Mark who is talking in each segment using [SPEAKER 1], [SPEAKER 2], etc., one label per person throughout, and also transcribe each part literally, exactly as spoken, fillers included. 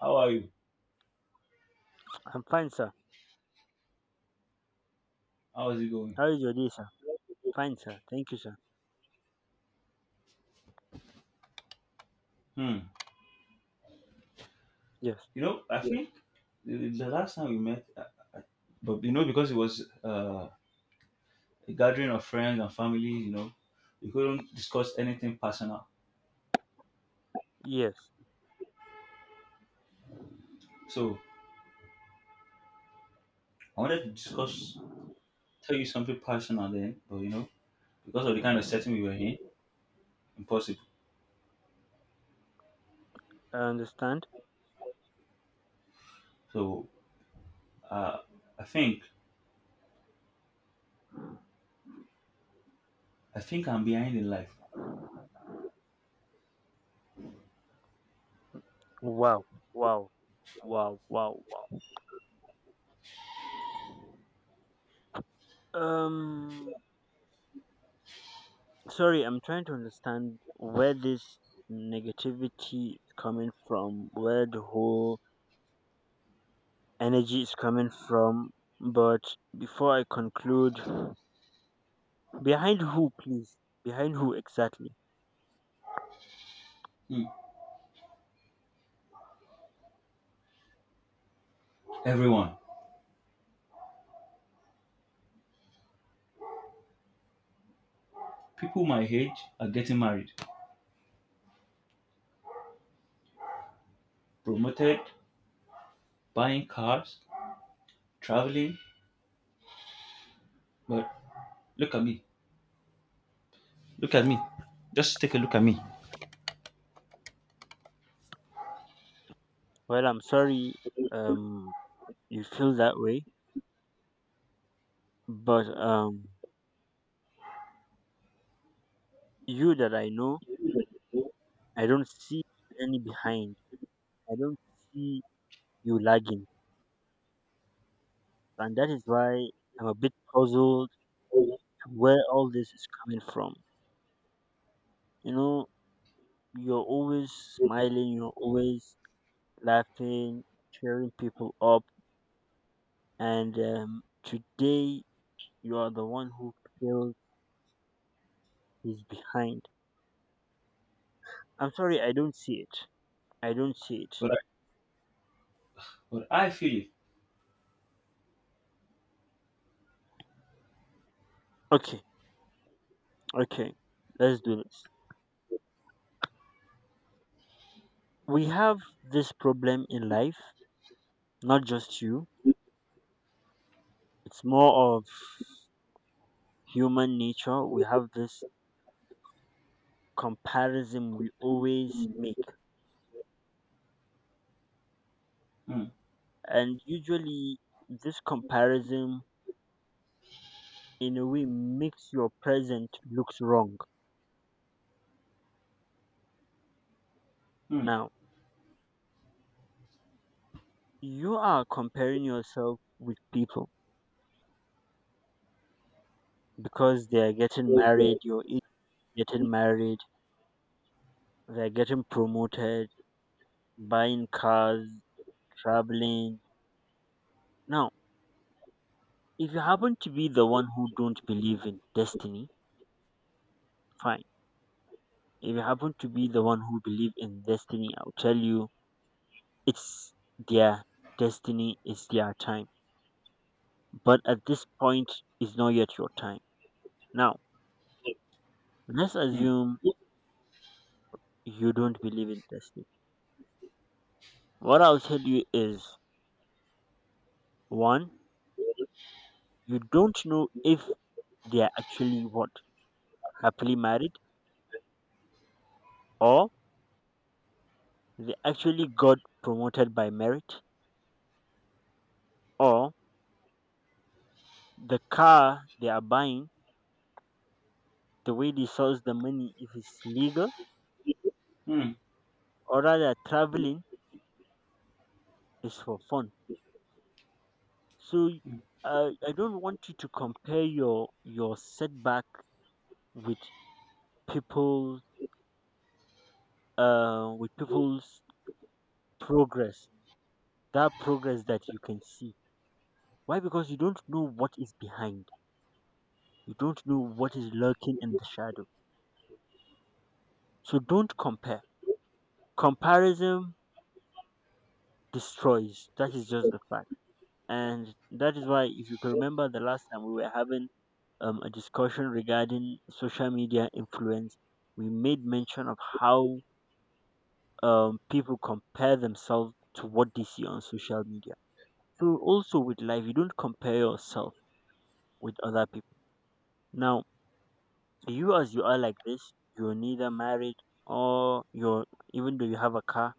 [SPEAKER 1] How are you?
[SPEAKER 2] I'm fine, sir.
[SPEAKER 1] How is it going?
[SPEAKER 2] How is your day, sir? Fine, sir. Thank you, sir.
[SPEAKER 1] Hmm.
[SPEAKER 2] Yes,
[SPEAKER 1] You know, I, Yeah. think the, the last time we met, uh, but you know, because it was uh, a gathering of friends and family, you know, we couldn't discuss anything personal.
[SPEAKER 2] yes.
[SPEAKER 1] So I wanted to discuss, tell you something personal then, but you know, because of the kind of setting we were in, impossible.
[SPEAKER 2] I understand.
[SPEAKER 1] So uh, I think, I think I'm behind in life.
[SPEAKER 2] Wow, wow, wow, wow, wow. Um, sorry, I'm trying to understand where this negativity is coming from, where the whole energy is coming from. But before I conclude, behind who, please? Behind who exactly?
[SPEAKER 1] Hmm. Everyone, people my age are getting married, promoted, buying cars, traveling, but look at me. Look at me. Just take a look at me.
[SPEAKER 2] Well, I'm sorry. Um, you feel that way, but um, you that I know I don't see any behind. I don't see you lagging. And that is why I'm a bit puzzled where all this is coming from. You know, you're always smiling, you're always laughing, cheering people up, and um, today you are the one who feels is behind. I'm sorry, I don't see it. I don't see it.
[SPEAKER 1] But I, but I feel it.
[SPEAKER 2] Okay, okay, let's do this. We have this problem in life, not just you. It's more of human nature, we have this comparison we always make,
[SPEAKER 1] Mm,
[SPEAKER 2] and usually this comparison in a way makes your present looks wrong.
[SPEAKER 1] mm,
[SPEAKER 2] Now you are comparing yourself with people because they are getting married, you're
[SPEAKER 1] mm,
[SPEAKER 2] in- getting married, they're getting promoted, buying cars, traveling. Now, if you happen to be the one who don't believe in destiny, fine. If you happen to be the one who believe in destiny, I'll tell you, it's their destiny, it's their time. But at this point, it's not yet your time. Now, let's assume you don't believe in destiny. What I'll tell you is one, you don't know if they are actually what? Happily married, or they actually got promoted by merit, or the car they are buying, the way they source the money, if it's legal,
[SPEAKER 1] mm,
[SPEAKER 2] or rather traveling is for fun. So y- I I don't want you to compare your your setback with people uh with people's progress. That progress that you can see. Why? Because you don't know what is behind. You don't know what is lurking in the shadow. So don't compare. Comparison destroys. That is just the fact. And that is why if you can remember the last time we were having um, a discussion regarding social media influence, we made mention of how um, people compare themselves to what they see on social media. So also with life, you don't compare yourself with other people. Now, you as you are like this, you're neither married or you're, even though you have a car,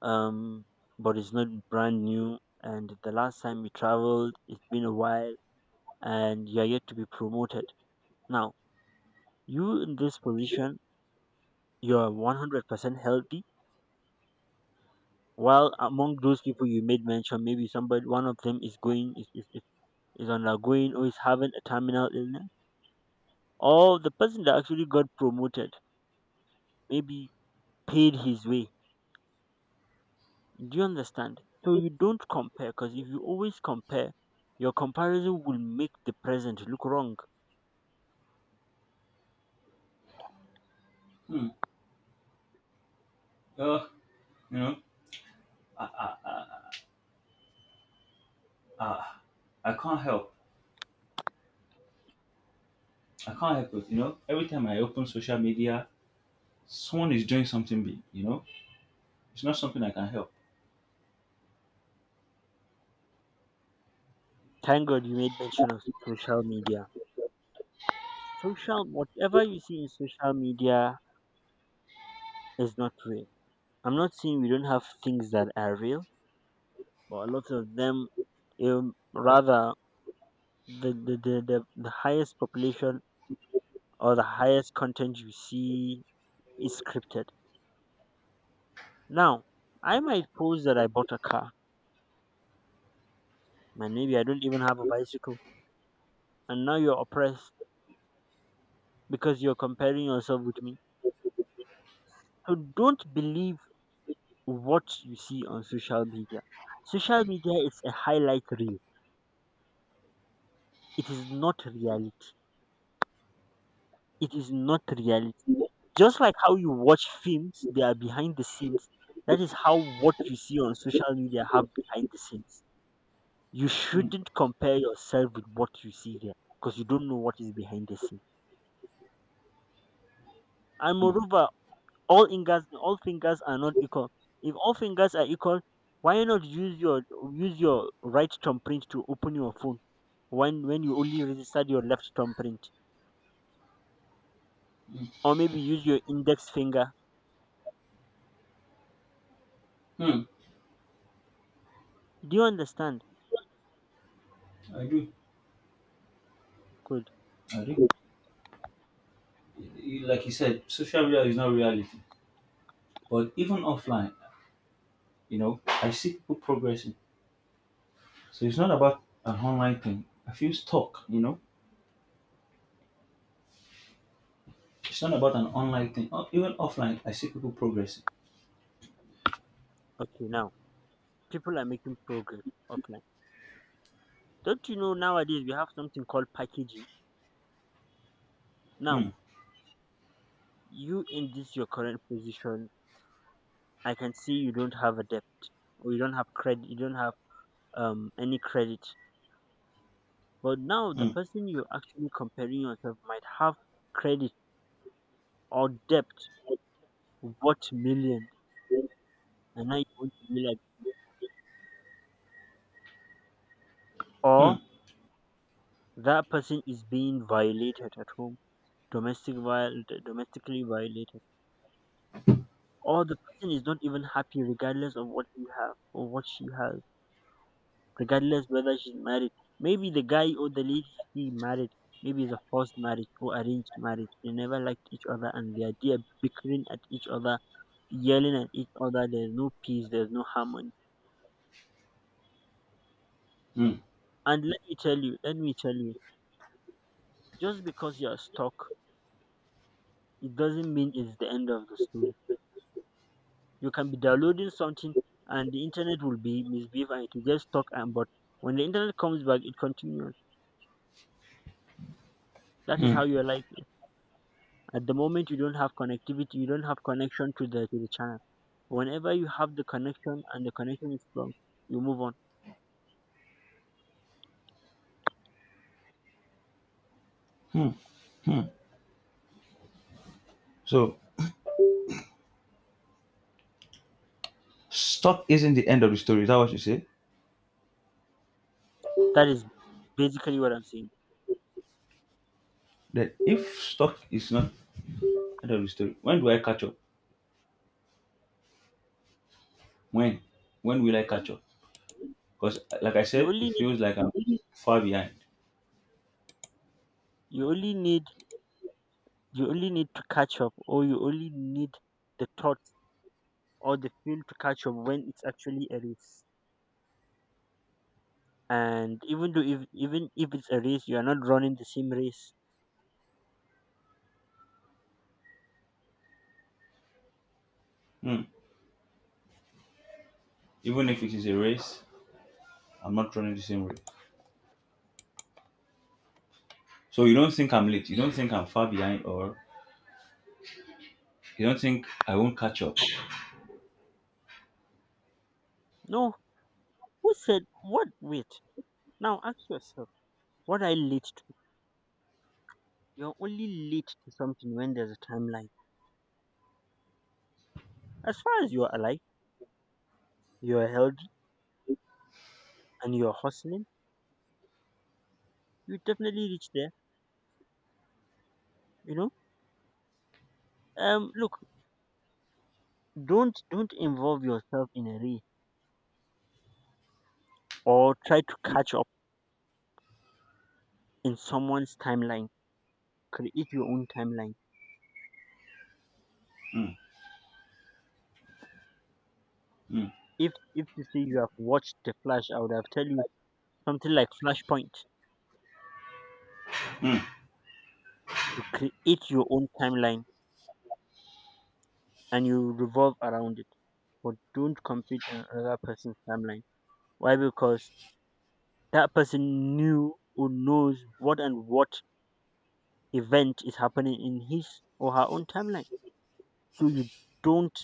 [SPEAKER 2] um, but it's not brand new. And the last time you traveled, it's been a while, and you're yet to be promoted. Now, you in this position, you're one hundred percent healthy. While among those people you made mention, maybe somebody, one of them is going is, is, is undergoing or is having a terminal illness, or the person that actually got promoted maybe paid his way. Do you understand? So you don't compare, because if you always compare, your comparison will make the present look wrong.
[SPEAKER 1] mm. Oh, you know, I, I, I, I, I can't help. I can't help it. You know, every time I open social media, someone is doing something big. You know, it's not something I can help.
[SPEAKER 2] Thank God you made mention of social media. Social, whatever you see in social media is not real. I'm not saying we don't have things that are real, but a lot of them, um, rather, the, the, the, the, the highest population or the highest content you see is scripted. Now, I might post that I bought a car and maybe I don't even have a bicycle, and now you're oppressed because you're comparing yourself with me. So don't believe what you see on social media. Social media is a highlight reel. It is not reality. It is not reality. Just like how you watch films, they are behind the scenes. That is how what you see on social media have behind the scenes. You
[SPEAKER 1] Mm,
[SPEAKER 2] shouldn't compare yourself with what you see there, because you don't know what is behind the scenes. And
[SPEAKER 1] mm,
[SPEAKER 2] moreover, all fingers all fingers are not equal. If all fingers are equal, why not use your use your right thumbprint to open your phone when when you only registered your left thumbprint?
[SPEAKER 1] mm,
[SPEAKER 2] Or maybe use your index finger.
[SPEAKER 1] mm.
[SPEAKER 2] Do you understand?
[SPEAKER 1] I do.
[SPEAKER 2] Good.
[SPEAKER 1] I do. Like you said, social media is not reality. But even offline, you know, I see people progressing. So it's not about an online thing. I feel stuck, you know. It's not about an online thing. Oh, even offline, I see people progressing.
[SPEAKER 2] Okay, now people are making progress offline. Don't you know nowadays we have something called packaging? Now,
[SPEAKER 1] Hmm,
[SPEAKER 2] you in this your current position, I can see you don't have a debt or you don't have credit, you don't have um any credit. But now the
[SPEAKER 1] hmm,
[SPEAKER 2] person you're actually comparing yourself might have credit or debt worth millions, and now you want to be like,
[SPEAKER 1] hmm,
[SPEAKER 2] or that person is being violated at home, domestic viol- domestically violated, or the person is not even happy regardless of what you have or what she has, regardless whether she's married. Maybe the guy or the lady she married, maybe it's a forced marriage or arranged marriage. They never liked each other and they are they are bickering at each other, yelling at each other. There's no peace. There's no harmony.
[SPEAKER 1] hmm,
[SPEAKER 2] And let me tell you, let me tell you, just because you are stuck, it doesn't mean it's the end of the story. You can be downloading something, and the internet will be misbehave, and it will get stuck. And but when the internet comes back, it continues. That is
[SPEAKER 1] hmm,
[SPEAKER 2] how your life is. At the moment, you don't have connectivity. You don't have connection to the to the channel. Whenever you have the connection and the connection is strong, you move on.
[SPEAKER 1] hmm. So stuck isn't the end of the story. Is that what you say?
[SPEAKER 2] That is basically what I'm saying.
[SPEAKER 1] That if stuck is not end of the story, when do I catch up? When? When will I
[SPEAKER 2] Well,
[SPEAKER 1] catch up? Because, like I
[SPEAKER 2] you
[SPEAKER 1] said, it
[SPEAKER 2] only need
[SPEAKER 1] feels like I'm far behind.
[SPEAKER 2] you only need you only need to catch up, or you only need the thoughts or the feel to catch up when it's actually a race. And even though if even if it's a race, you are not running the same race.
[SPEAKER 1] Hmm. Even if it is a race, I'm not running the same race. So you don't think I'm late? You don't think I'm far behind, or you don't think I won't catch up?
[SPEAKER 2] No, who said what? Wait, now ask yourself, what I late to? You're only late to something when there's a timeline. As far as you're alive, you're healthy, and you're hustling, you definitely reach there, you know. um look, don't don't involve yourself in a race or try to catch up in someone's timeline. Create your own timeline.
[SPEAKER 1] Hmm. Hmm.
[SPEAKER 2] If if you say you have watched The Flash, I would have tell you something like Flashpoint.
[SPEAKER 1] Mm,
[SPEAKER 2] You create your own timeline and you revolve around it. But don't compete in another person's timeline. Why? Because that person knew or knows what and what event is happening in his or her own timeline. So you don't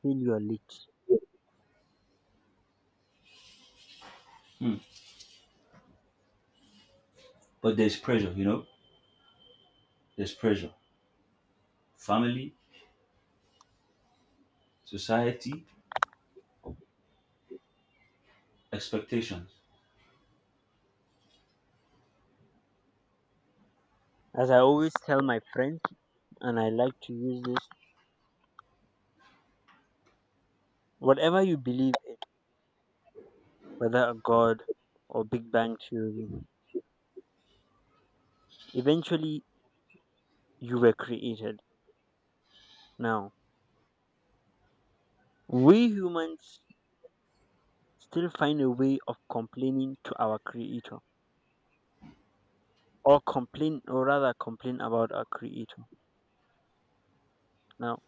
[SPEAKER 2] feel you are late.
[SPEAKER 1] mm. But there's pressure, you know? There's pressure. Family, society, expectations.
[SPEAKER 2] As I always tell my friends, and I like to use this, whatever you believe in, whether a God or Big Bang Theory, eventually, you were created. Now, we humans still find a way of complaining to our creator, or complain, or rather, complain about our creator. Now,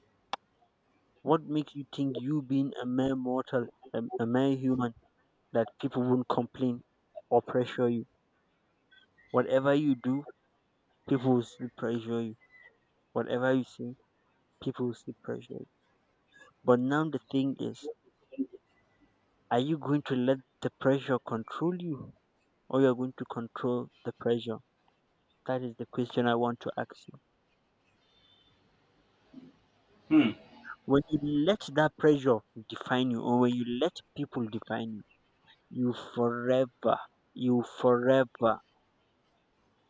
[SPEAKER 2] what makes you think you, being a mere mortal, a, a mere human, that people won't complain or pressure you? Whatever you do, people will still pressure you. Whatever you say, people will still pressure you. But now the thing is, are you going to let the pressure control you, or you are going to control the pressure? That is the question I want to ask you.
[SPEAKER 1] Mm,
[SPEAKER 2] When you let that pressure define you, or when you let people define you, you forever, you forever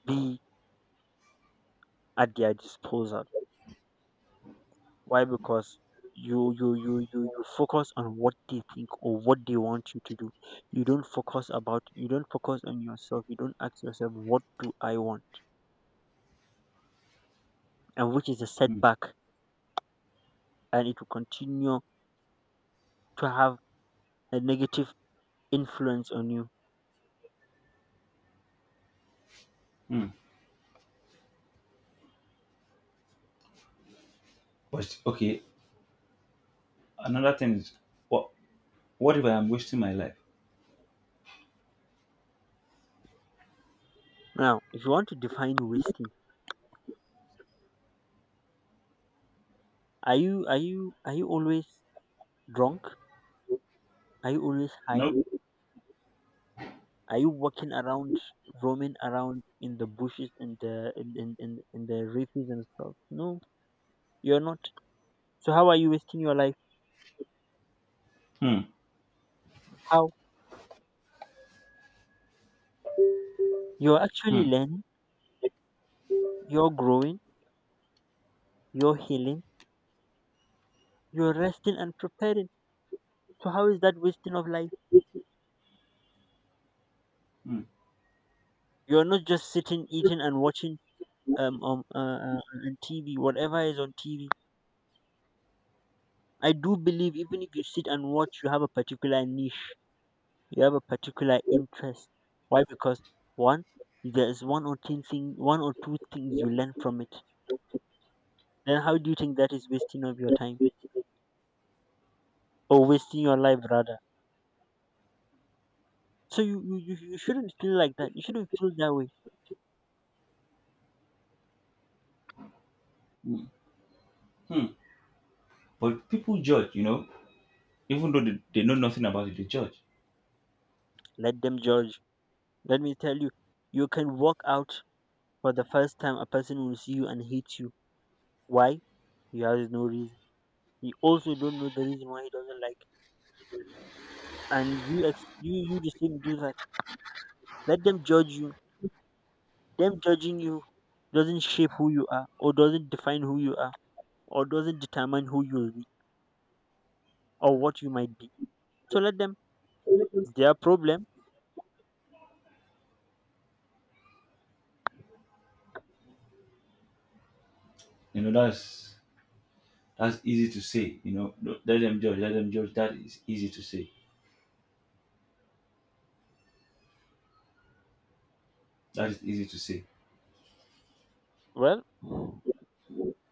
[SPEAKER 2] be at their disposal. Why? Because you you you you you focus on what they think or what they want you to do. You don't focus about you don't focus on yourself. You don't ask yourself what do I want, and which is a
[SPEAKER 1] mm,
[SPEAKER 2] setback, and it will continue to have a negative influence on you.
[SPEAKER 1] mm. But okay, another thing is, what what if I am wasting my life?
[SPEAKER 2] Now, if you want to define wasting, Are you are you are you always drunk? Are you always high?
[SPEAKER 1] No.
[SPEAKER 2] Are you walking around, roaming around in the bushes and the in, in, in, in the reefs and stuff? No, you're not. So how are you wasting your life?
[SPEAKER 1] Hmm.
[SPEAKER 2] How? You're actually
[SPEAKER 1] Hmm.
[SPEAKER 2] learning, you're growing, you're healing, you're resting and preparing. So how is that wasting of life?
[SPEAKER 1] Hmm.
[SPEAKER 2] You're not just sitting, eating, and watching um um uh, uh, on T V, whatever is on T V. I do believe even if you sit and watch, you have a particular niche, you have a particular interest. Why? Because one, there's one or two thing, one or two things you learn from it. Then how do you think that is wasting of your time or wasting your life rather? So you you, you you shouldn't feel like that. You shouldn't feel that way.
[SPEAKER 1] Hmm. Hmm. But people judge, you know, even though they, they know nothing about it, they judge.
[SPEAKER 2] Let them judge. Let me tell you, you can walk out for the first time. A person will see you and hate you. Why? He has no reason. He also don't know the reason why he doesn't like. And you ex- you you the same do that. Let them judge you. Them judging you doesn't shape who you are, or doesn't define who you are, or doesn't determine who you'll be, or what you might be. So let them. It's their problem.
[SPEAKER 1] You know, that's that's easy to say, you know. Don't- Let them judge, let them judge. That is easy to say. That is easy to say.
[SPEAKER 2] Well,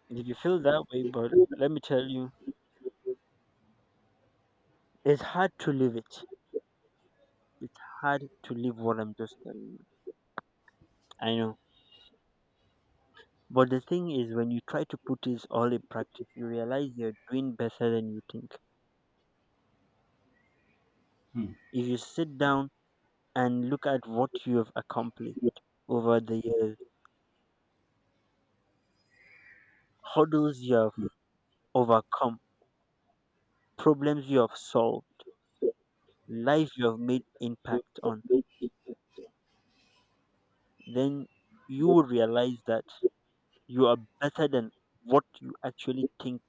[SPEAKER 2] if you feel that way, but let me tell you, it's hard to live it. It's hard to live what I'm just telling you. I know. But the thing is, when you try to put this all in practice, you realize you're doing better than you think.
[SPEAKER 1] Hmm.
[SPEAKER 2] If you sit down and look at what you have accomplished over the years, hurdles you have
[SPEAKER 1] Hmm.
[SPEAKER 2] overcome, problems you have solved, life you have made impact on, then you will realize that you are better than what you actually think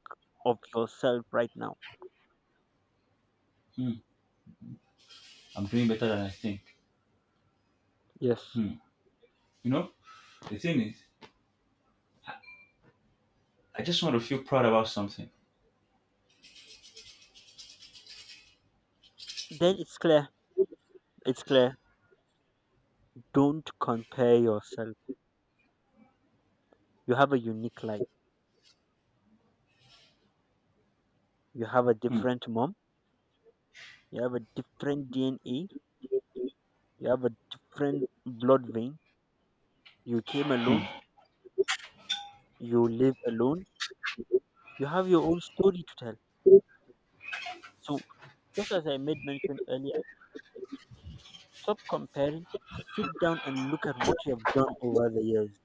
[SPEAKER 2] of yourself right now.
[SPEAKER 1] Hmm. I'm doing better than I think.
[SPEAKER 2] Yes.
[SPEAKER 1] Hmm. You know, The thing is, I just want to feel proud about something.
[SPEAKER 2] Then it's clear, it's clear. Don't compare yourself. You have a unique life. You have a
[SPEAKER 1] Hmm.
[SPEAKER 2] different mom. You have a different D N A. You have a different blood vein. You came alone. You live alone. You have your own story to tell. So just as I made mention earlier, stop comparing. Sit down and look at what you have done over the years.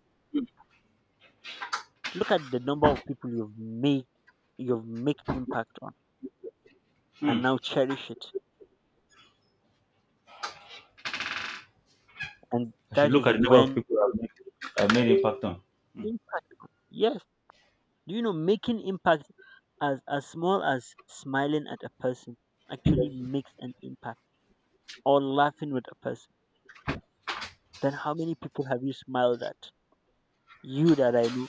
[SPEAKER 2] Look at the number of people you've made you've made impact on, and
[SPEAKER 1] Hmm.
[SPEAKER 2] now cherish it. And
[SPEAKER 1] I should
[SPEAKER 2] that
[SPEAKER 1] look
[SPEAKER 2] is
[SPEAKER 1] at the number of
[SPEAKER 2] when
[SPEAKER 1] people I've made, I've made impact on.
[SPEAKER 2] impact, yes. Do you know making impact as as small as smiling at a person actually makes an impact, or laughing with a person? Then how many people have you smiled at? You that I know,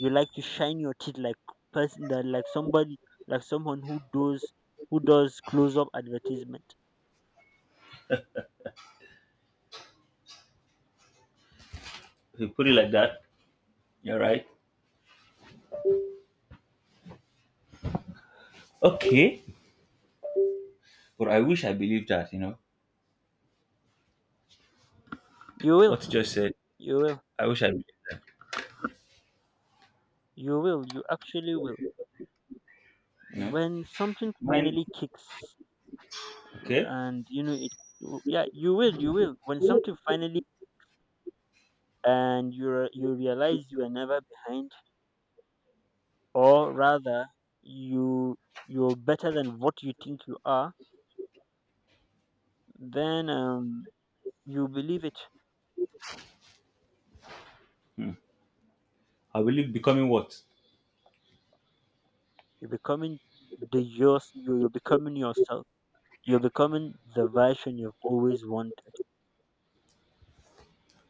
[SPEAKER 2] you like to shine your teeth like person that like somebody, like someone who does who does close up advertisement.
[SPEAKER 1] If you put it like that, you're right. Okay. But I wish I believed that, you know.
[SPEAKER 2] you
[SPEAKER 1] What you just
[SPEAKER 2] will
[SPEAKER 1] said,
[SPEAKER 2] you will
[SPEAKER 1] I wish I believed that,
[SPEAKER 2] you will, you actually will,
[SPEAKER 1] you know.
[SPEAKER 2] when something
[SPEAKER 1] Mine,
[SPEAKER 2] finally kicks
[SPEAKER 1] okay.
[SPEAKER 2] and you know it. Yeah, you will you will when something finally, and you re- you realize you are never behind, or rather you, you're better than what you think you are, then um you believe it.
[SPEAKER 1] I believe becoming what?
[SPEAKER 2] You're becoming the yours. You're, you're becoming yourself. You're becoming the version you've always wanted.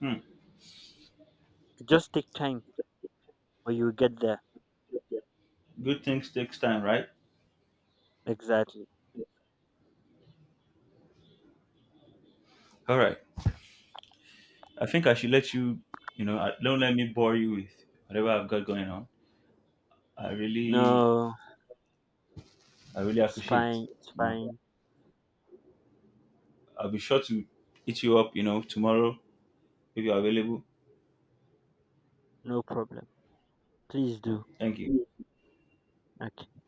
[SPEAKER 1] Hmm.
[SPEAKER 2] It just take time, but you'll get there.
[SPEAKER 1] Good things takes time, right?
[SPEAKER 2] Exactly.
[SPEAKER 1] All right. I think I should let you, you know, I- don't let me bore you with whatever I've got going on. I really,
[SPEAKER 2] No,
[SPEAKER 1] I really
[SPEAKER 2] it's
[SPEAKER 1] appreciate,
[SPEAKER 2] fine. It's
[SPEAKER 1] you know.
[SPEAKER 2] fine.
[SPEAKER 1] I'll be sure to eat you up, you know, tomorrow if you're available.
[SPEAKER 2] No problem. Please do.
[SPEAKER 1] Thank you.
[SPEAKER 2] Okay.